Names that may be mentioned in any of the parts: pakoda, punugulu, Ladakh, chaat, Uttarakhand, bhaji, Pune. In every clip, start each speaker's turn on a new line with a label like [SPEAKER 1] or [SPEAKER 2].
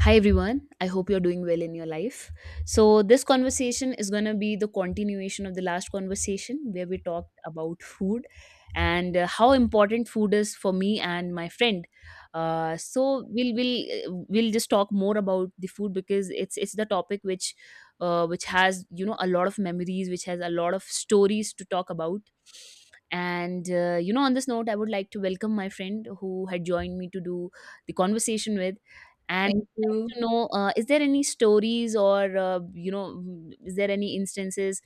[SPEAKER 1] Hi everyone, I hope you're doing well in your life. So, this conversation is going to be the continuation of the last conversation where we talked about food and how important food is for me and my friend. So, we'll just talk more about the food because it's the topic which has a lot of memories, which has a lot of stories to talk about. And on this note, I would like to welcome my friend who had joined me to do the conversation with.
[SPEAKER 2] Thank
[SPEAKER 1] Like
[SPEAKER 2] you.
[SPEAKER 1] to know, is there any stories, or is there any instances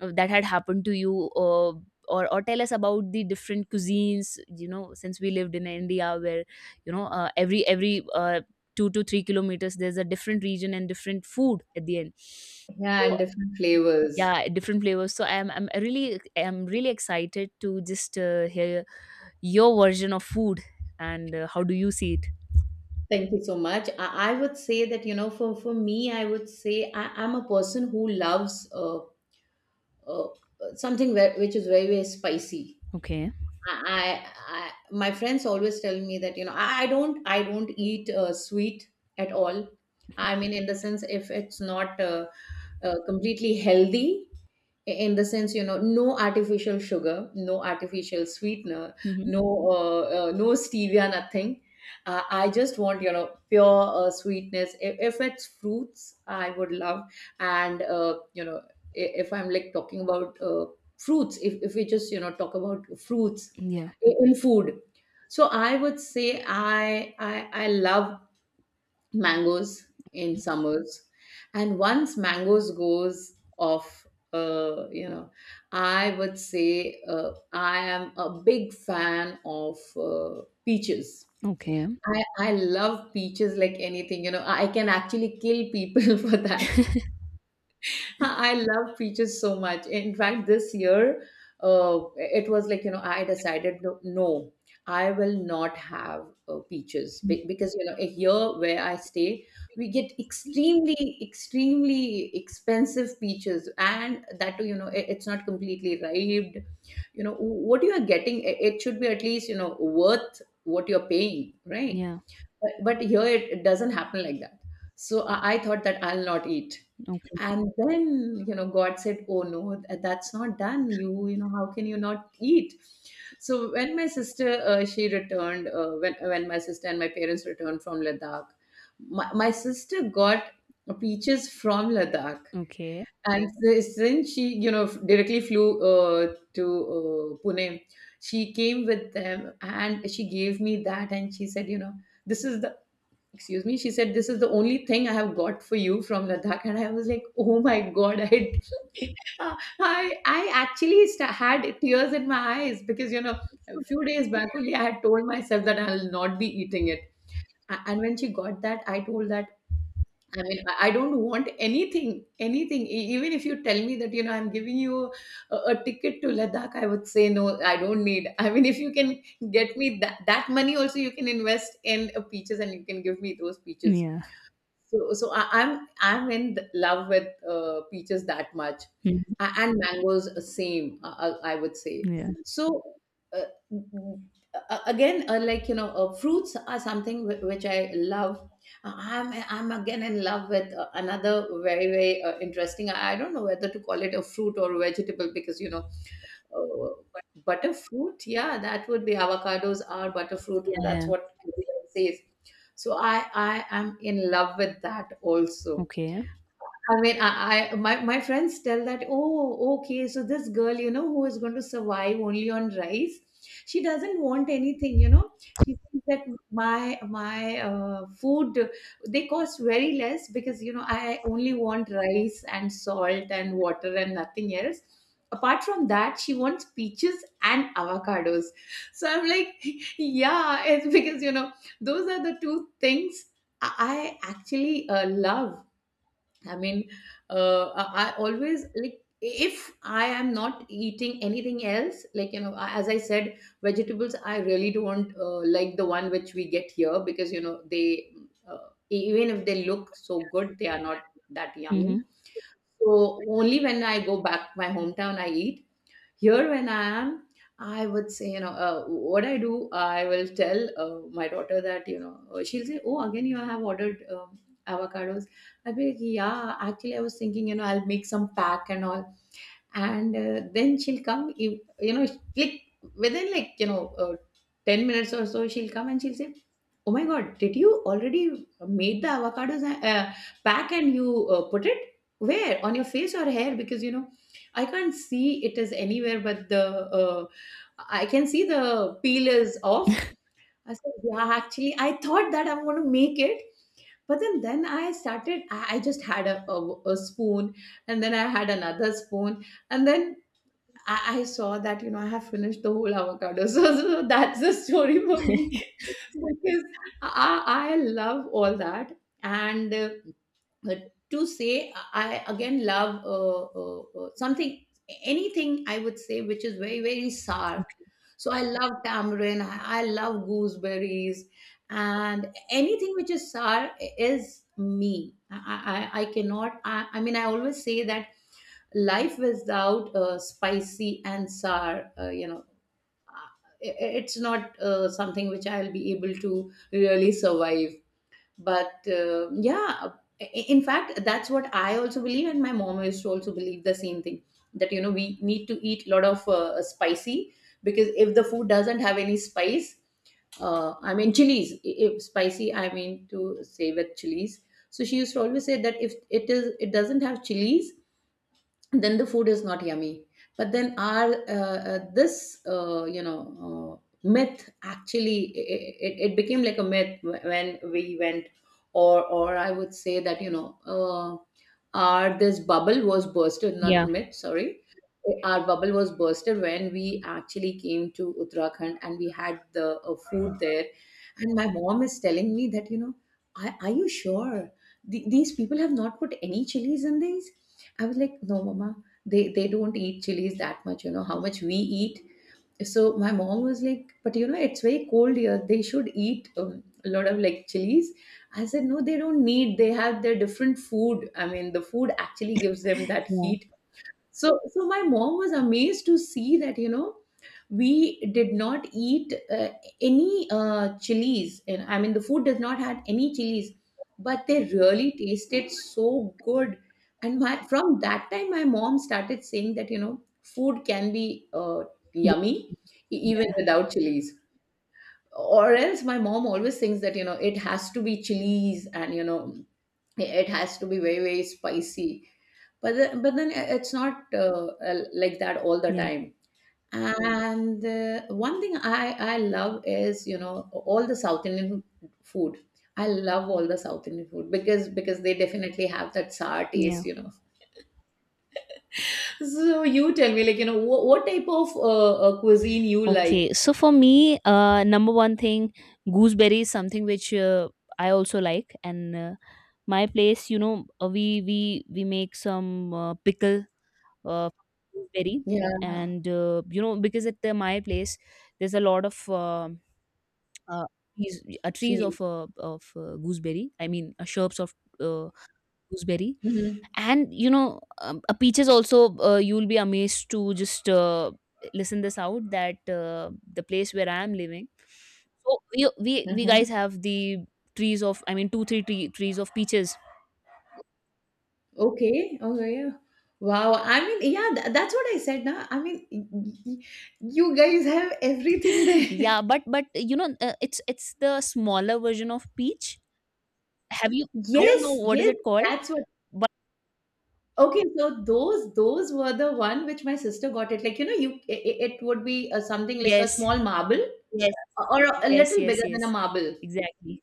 [SPEAKER 1] that had happened to you, or tell us about the different cuisines. Since we lived in India where every 2 to 3 kilometers there's a different region and different food at the end.
[SPEAKER 2] Yeah,
[SPEAKER 1] So,
[SPEAKER 2] and different flavors.
[SPEAKER 1] yeah, different flavors. So I'm really excited to just hear your version of food. And how do you see it?
[SPEAKER 2] Thank you so much. I would say that, you know, for me, I would say I'm a person who loves uh, something where, which is very, very spicy.
[SPEAKER 1] Okay.
[SPEAKER 2] I, I, I, my friends always tell me that, you know, I don't eat sweet at all. I mean, in the sense, if it's not completely healthy, in the sense, you know, no artificial sugar, no artificial sweetener,
[SPEAKER 1] Hmm.
[SPEAKER 2] no no stevia, nothing. I just want, you know, pure sweetness. If it's fruits, I would love. And you know, if I'm like talking about fruits, if we just, you know, talk about fruits
[SPEAKER 1] Yeah.
[SPEAKER 2] in food. So I would say I love mangoes in summers. And once mangoes goes off, you know, I would say I am a big fan of peaches.
[SPEAKER 1] Okay.
[SPEAKER 2] I love peaches like anything. You know, I can actually kill people for that. Huh, I love peaches so much. In fact, this year, it was like, you know, I decided no, no, I will not have peaches. Because, you know, here where I stay, we get extremely, extremely expensive peaches, and that too, you know, it's not completely ripe. You know, what you are getting, it should be at least, you know, worth what you're paying, right?
[SPEAKER 1] Yeah.
[SPEAKER 2] But here it doesn't happen like that. So I thought that I'll not eat.
[SPEAKER 1] Okay,
[SPEAKER 2] And then, you know, god said, oh no, that's not done. You know, how can you not eat? So when my sister she returned, when my sister and my parents returned from Ladakh, my sister got peaches from Ladakh.
[SPEAKER 1] okay.
[SPEAKER 2] And since she, you know, directly flew uh, to Pune, she came with them and she gave me that. And she said, you know, this is the, excuse me, she said, this is the only thing I have got for you from Ladakh. And I was like, oh my god, I I actually sta had tears in my eyes, because, you know, a few days back only I had told myself that I'll not be eating it. And when she got that, I told that, I mean, I don't want anything, anything. Even if you tell me that, you know, I'm giving you a ticket to Ladakh, I would say no, I don't need. I mean, if you can get me that money also, you can invest in peaches and you can give me those peaches.
[SPEAKER 1] Yeah.
[SPEAKER 2] So, so I'm in love with peaches that much.
[SPEAKER 1] Mhm.
[SPEAKER 2] And mangoes same. I would say,
[SPEAKER 1] Yeah.
[SPEAKER 2] so. Uh, Again, like you know, fruits are something which I love. I'm again in love with another very, very interesting. I don't know whether to call it a fruit or a vegetable, because, you know, uh, butterfruit, yeah, that would be, avocados are butterfruit.
[SPEAKER 1] Yeah,
[SPEAKER 2] That's
[SPEAKER 1] yeah.
[SPEAKER 2] what everybody says. So I am in love with that also.
[SPEAKER 1] Okay.
[SPEAKER 2] I mean, my friends tell that, oh, okay, so this girl, you know, who is going to survive only on rice, she doesn't want anything, you know. She thinks that my food, they cost very less, because, you know, I only want rice and salt and water and nothing else. Apart from that, she wants peaches and avocados. So I'm like, yeah, it's because, you know, those are the two things I actually love. I mean, I always like, if I am not eating anything else, like you know, as I said, vegetables I really don't like the one which we get here, because, you know, they uh, even if they look so good, they are not that yummy.
[SPEAKER 1] Mhm.
[SPEAKER 2] So only when I go back my hometown, I eat. Here when I am, I would say, you know, what I do, I will tell my daughter that, you know, she'll say, oh, again you have ordered avocados. I'll be like, yeah, actually I was thinking, you know, I'll make some pack and all. And then she'll come, you know, like within like you know 10 minutes or so, she'll come and she'll say, oh my god, did you already made the avocados pack? And you put it where? On your face or hair? Because, you know, I can't see it is anywhere, but the uh, I can see the peel is off. I said, yeah, actually I thought that I'm going to make it. But then I started, I just had a spoon, and then I had another spoon. And then I saw that, you know, I have finished the whole avocado, so, so that's the story for me. Because I love all that. And uh, to say, I again love something, anything, I would say, which is very, very sour.
[SPEAKER 1] Okay.
[SPEAKER 2] So I love tamarind, I love gooseberries, and anything which is sour is me. I cannot. I mean, I always say that life without spicy and sour, you know, uh, it's not something which I'll be able to really survive. But yeah, in fact, that's what I also believe, and my mom used to also believe the same thing, that, you know, we need to eat a lot of spicy, because if the food doesn't have any spice, I mean, chilies. If spicy, I mean to say, with chilies. So she used to always say that if it is, it doesn't have chilies, then the food is not yummy. But then our this you know, myth, actually it became like a myth when we went, or I would say that, you know, our this bubble was bursted, not
[SPEAKER 1] Yeah,
[SPEAKER 2] myth, sorry. Our bubble was bursted when we actually came to Uttarakhand and we had the food there. And my mom is telling me that, you know, I, are you sure these people have not put any chilies in these? I was like, no, mama, they don't eat chilies that much, you know, how much we eat. So my mom was like, but you know, it's very cold here. They should eat a lot of, like, chilies. I said, no, they don't need. They have their different food. I mean, the food actually gives them that
[SPEAKER 1] yeah.
[SPEAKER 2] heat. So, so my mom was amazed to see that, you know, we did not eat any chilies, and I mean the food does not had any chilies, but they really tasted so good. And my, from that time, my mom started saying that, you know, food can be
[SPEAKER 1] Good-
[SPEAKER 2] yummy even
[SPEAKER 1] Yeah,
[SPEAKER 2] without chilies, or else my mom always thinks that, you know, it has to be chilies, and you know, it has to be very, very spicy. But then, but then it's not like that all the
[SPEAKER 1] yeah,
[SPEAKER 2] time. And one thing I love is, you know, all the South Indian food. I love all the South Indian food, because they definitely have that sour
[SPEAKER 1] yeah.
[SPEAKER 2] taste, you know. So you tell me, like, you know, what type of cuisine you
[SPEAKER 1] Okay.
[SPEAKER 2] like?
[SPEAKER 1] So for me, number one thing, gooseberry is something which I also like. And my place, we make some pickle uh, gooseberry.
[SPEAKER 2] Yeah,
[SPEAKER 1] And because at my place, there's a lot of uh, trees, trees
[SPEAKER 2] trees.
[SPEAKER 1] of gooseberry. I mean, shrubs of uh, gooseberry.
[SPEAKER 2] Mm-hmm.
[SPEAKER 1] And peaches also, you will be amazed to just listen this out, that the place where I am living, so we, we guys
[SPEAKER 2] Uh-huh.
[SPEAKER 1] have the trees of, I mean, two three trees of peaches.
[SPEAKER 2] Okay. Okay. Yeah. Wow. I mean, yeah, that's what I said. Now, I mean, y- you guys have everything there.
[SPEAKER 1] Yeah, but it's the smaller version of peach. Have you, I don't know
[SPEAKER 2] Yes.
[SPEAKER 1] what is
[SPEAKER 2] Yes.
[SPEAKER 1] it called,
[SPEAKER 2] That's what.
[SPEAKER 1] but
[SPEAKER 2] Okay, so those were the one which my sister got it. Like, you know, you, it would be something like a
[SPEAKER 1] yes,
[SPEAKER 2] small marble,
[SPEAKER 1] yes,
[SPEAKER 2] or a
[SPEAKER 1] yes.
[SPEAKER 2] little
[SPEAKER 1] Yes,
[SPEAKER 2] bigger than a
[SPEAKER 1] yes,
[SPEAKER 2] marble.
[SPEAKER 1] exactly.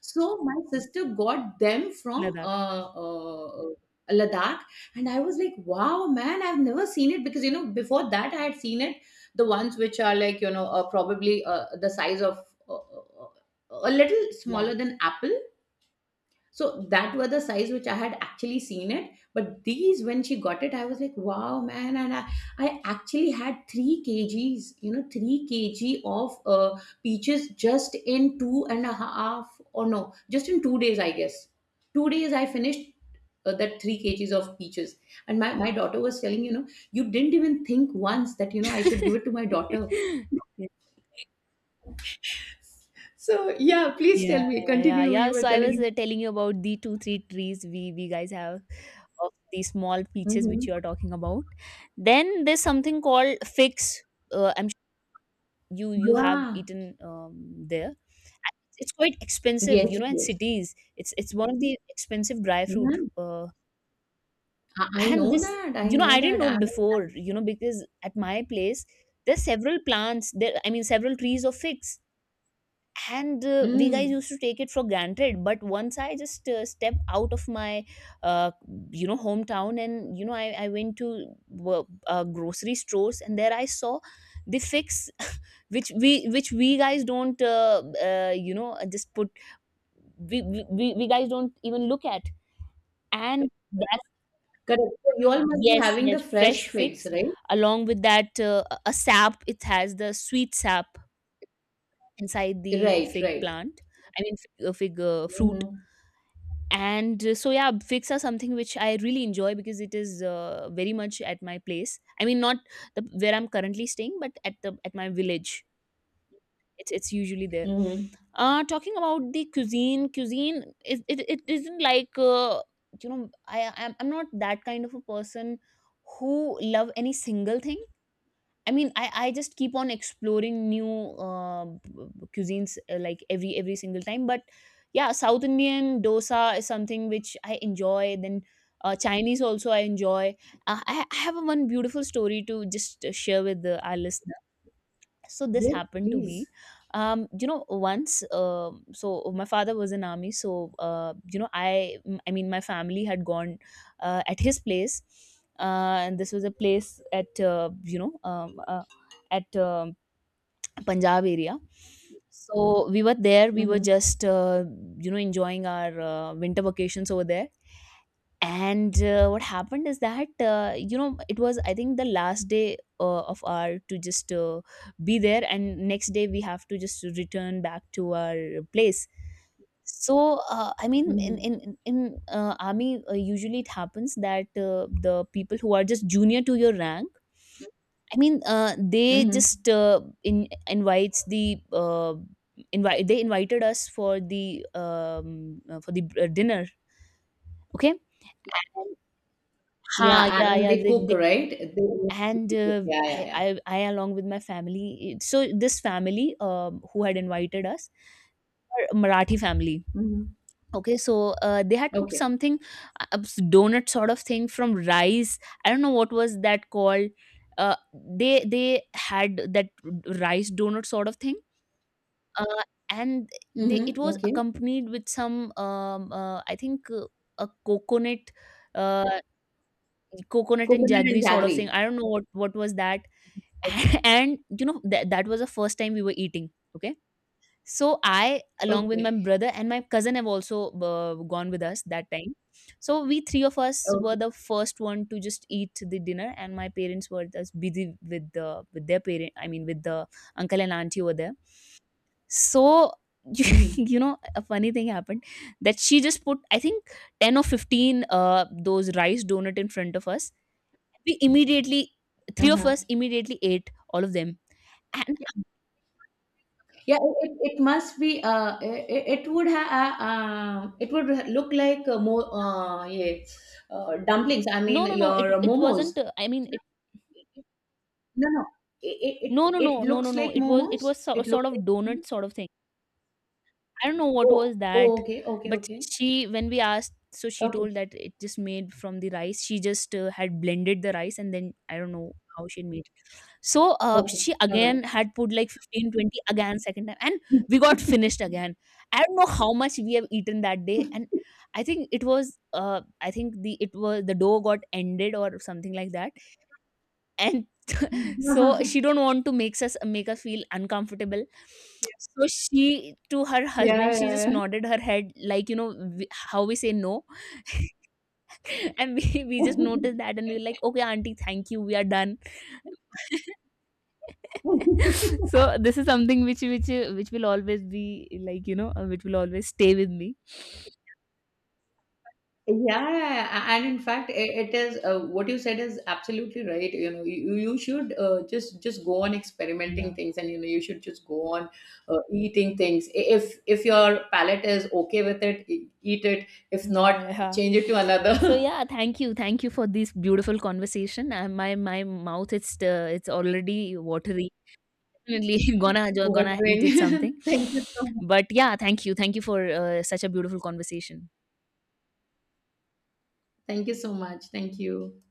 [SPEAKER 2] So my sister got them from
[SPEAKER 1] Ladakh.
[SPEAKER 2] Ladakh. And I was like, wow, man, I've never seen it, because you know, before that I had seen it, the ones which are like, you know, probably the size of uh, uh, a little
[SPEAKER 1] Yeah.
[SPEAKER 2] smaller than apple. So that were the size which I had actually seen it. But these, when she got it, I was like, wow, man. And I actually had 3 kgs, you know, 3 kg of peaches just in two and a half, or no, just in 2 days, I guess. 2 days I finished that 3 kgs of peaches. And my daughter was telling, you know, you didn't even think once that, you know, I should give it to my daughter. So yeah, please
[SPEAKER 1] Yeah,
[SPEAKER 2] tell me,
[SPEAKER 1] yeah, yeah.
[SPEAKER 2] continue.
[SPEAKER 1] Yeah.
[SPEAKER 2] You were
[SPEAKER 1] So I was
[SPEAKER 2] telling.
[SPEAKER 1] telling you about the two, three trees we guys have of the small peaches which
[SPEAKER 2] Mhm.
[SPEAKER 1] you are talking about. Then there's something called figs. I'm sure you have
[SPEAKER 2] Yeah.
[SPEAKER 1] eaten there. It's quite expensive,
[SPEAKER 2] Yes,
[SPEAKER 1] in
[SPEAKER 2] yes.
[SPEAKER 1] cities. It's one of the expensive dry fruit.
[SPEAKER 2] Yeah.
[SPEAKER 1] Uh,
[SPEAKER 2] I
[SPEAKER 1] And
[SPEAKER 2] know
[SPEAKER 1] this,
[SPEAKER 2] that, I know
[SPEAKER 1] I didn't
[SPEAKER 2] that.
[SPEAKER 1] know
[SPEAKER 2] I know that.
[SPEAKER 1] before, because at my place there's several plants. There, I mean, several trees of figs. And we guys
[SPEAKER 2] Mm,
[SPEAKER 1] used to take it for granted. But once I just step out of my uh, hometown and I went to grocery stores, and there I saw the fix, which we guys don't just put, we guys don't even look at. And that's...
[SPEAKER 2] correct. So you all must be
[SPEAKER 1] yes,
[SPEAKER 2] having
[SPEAKER 1] yes,
[SPEAKER 2] the fresh
[SPEAKER 1] fresh
[SPEAKER 2] figs,
[SPEAKER 1] fix,
[SPEAKER 2] right?
[SPEAKER 1] along with that, a sap. It has the sweet sap inside the
[SPEAKER 2] Right,
[SPEAKER 1] fig
[SPEAKER 2] right.
[SPEAKER 1] plant, I mean fig, fig fruit.
[SPEAKER 2] Mm-hmm.
[SPEAKER 1] And so yeah, figs are something which I really enjoy, because it is very much at my place, I mean not where I'm currently staying, but at my village. It's usually there.
[SPEAKER 2] Mm-hmm.
[SPEAKER 1] Talking about the cuisine, it isn't like I'm not that kind of a person who love any single thing. I mean, I just keep on exploring new cuisines, like every single time. But yeah, South Indian dosa is something which I enjoy. Then Chinese also I enjoy. I have one beautiful story to just share with our listeners. So this
[SPEAKER 2] Yes,
[SPEAKER 1] happened to be
[SPEAKER 2] please.
[SPEAKER 1] um you know Once, so my father was in army. So I mean my family had gone at his place. And this was a place at you know at Punjab area. So we were there. We were
[SPEAKER 2] Mm-hmm.
[SPEAKER 1] just enjoying our winter vacations over there. And what happened is that it was, I think, the last day of our to just be there, and next day we have to just return back to our place. So I mean,
[SPEAKER 2] Mm-hmm.
[SPEAKER 1] in army, usually it happens that the people who are just junior to your rank, I mean they
[SPEAKER 2] Mm-hmm.
[SPEAKER 1] just in invites the invite they invited us for the dinner. Okay.
[SPEAKER 2] Yeah,
[SPEAKER 1] Ha, yeah,
[SPEAKER 2] and
[SPEAKER 1] yeah.
[SPEAKER 2] they
[SPEAKER 1] They,
[SPEAKER 2] cook,
[SPEAKER 1] they,
[SPEAKER 2] right? They
[SPEAKER 1] and
[SPEAKER 2] cook. Yeah, yeah, yeah.
[SPEAKER 1] I, along with my family, so this family, who had invited us, are Marathi family.
[SPEAKER 2] Mm-hmm.
[SPEAKER 1] Okay, so they had cooked
[SPEAKER 2] Okay.
[SPEAKER 1] something, donut sort of thing from rice. I don't know what was that called. Uh, they had that rice donut sort of thing, uh, and they it
[SPEAKER 2] Mm-hmm.
[SPEAKER 1] was
[SPEAKER 2] Okay.
[SPEAKER 1] accompanied with some I think, a coconut, uh, coconut and
[SPEAKER 2] Coconut and
[SPEAKER 1] jaggery sort of
[SPEAKER 2] jaggery.
[SPEAKER 1] thing. I don't know what was that.
[SPEAKER 2] Okay.
[SPEAKER 1] And that was the first time we were eating. Okay. So I, along with my
[SPEAKER 2] Okay.
[SPEAKER 1] brother and my cousin have also gone with us that time. So we three of us were
[SPEAKER 2] Okay.
[SPEAKER 1] the first one to just eat the dinner, and my parents were just busy with the with their parent I mean with the uncle and auntie over there. So.
[SPEAKER 2] Mm-hmm.
[SPEAKER 1] A funny thing happened, that she just put, I think, 10 or 15 those rice donut in front of us. We immediately Three of
[SPEAKER 2] Uh-huh.
[SPEAKER 1] us immediately ate all of them. And
[SPEAKER 2] Yeah, it must be. It would have. It would look like more. Yeah, dumplings. I
[SPEAKER 1] no,
[SPEAKER 2] mean,
[SPEAKER 1] no, no,
[SPEAKER 2] your
[SPEAKER 1] it wasn't,
[SPEAKER 2] momos.
[SPEAKER 1] I mean it,
[SPEAKER 2] No, no. It, it it
[SPEAKER 1] no, no,
[SPEAKER 2] it
[SPEAKER 1] no, no, no,
[SPEAKER 2] looks
[SPEAKER 1] no,
[SPEAKER 2] like
[SPEAKER 1] it was it
[SPEAKER 2] momos.
[SPEAKER 1] was so,
[SPEAKER 2] It
[SPEAKER 1] sort
[SPEAKER 2] looks
[SPEAKER 1] of
[SPEAKER 2] like.
[SPEAKER 1] donut sort of thing. I don't know what
[SPEAKER 2] Oh,
[SPEAKER 1] was that.
[SPEAKER 2] oh, okay, okay,
[SPEAKER 1] But
[SPEAKER 2] okay,
[SPEAKER 1] she when we asked, so she
[SPEAKER 2] okay,
[SPEAKER 1] told that it just made from the rice. She just had blended the rice, and then I don't know how she made. So,
[SPEAKER 2] okay.
[SPEAKER 1] she
[SPEAKER 2] All right.
[SPEAKER 1] again had put like 15, 20 again second time, and we got finished again. I don't know how much we have eaten that day. And I think it was the dough got ended or something like that. And so she don't want to make us feel uncomfortable. Yes. So she to her husband
[SPEAKER 2] Yeah,
[SPEAKER 1] she just
[SPEAKER 2] yeah,
[SPEAKER 1] nodded her head, like, we, how we say no. And we just noticed that, and we were like, okay, auntie, thank you, we are done.
[SPEAKER 2] yeah.
[SPEAKER 1] So this is something which will always be, like, which will always stay with me.
[SPEAKER 2] Yeah, and in fact, it is what you said is absolutely right. You know, you should just go on
[SPEAKER 1] Yeah.
[SPEAKER 2] experimenting things, and you know, you should just go on eating things. If your palate is okay with it, eat it. If
[SPEAKER 1] Yeah,
[SPEAKER 2] not,
[SPEAKER 1] yeah.
[SPEAKER 2] change it to another.
[SPEAKER 1] So yeah, thank you, thank you for this beautiful conversation. My mouth, it's already watery. Definitely gonna
[SPEAKER 2] Watering.
[SPEAKER 1] eat it something.
[SPEAKER 2] Thank you so much.
[SPEAKER 1] But yeah, thank you, thank you for such a beautiful conversation.
[SPEAKER 2] Thank you so much. Thank you.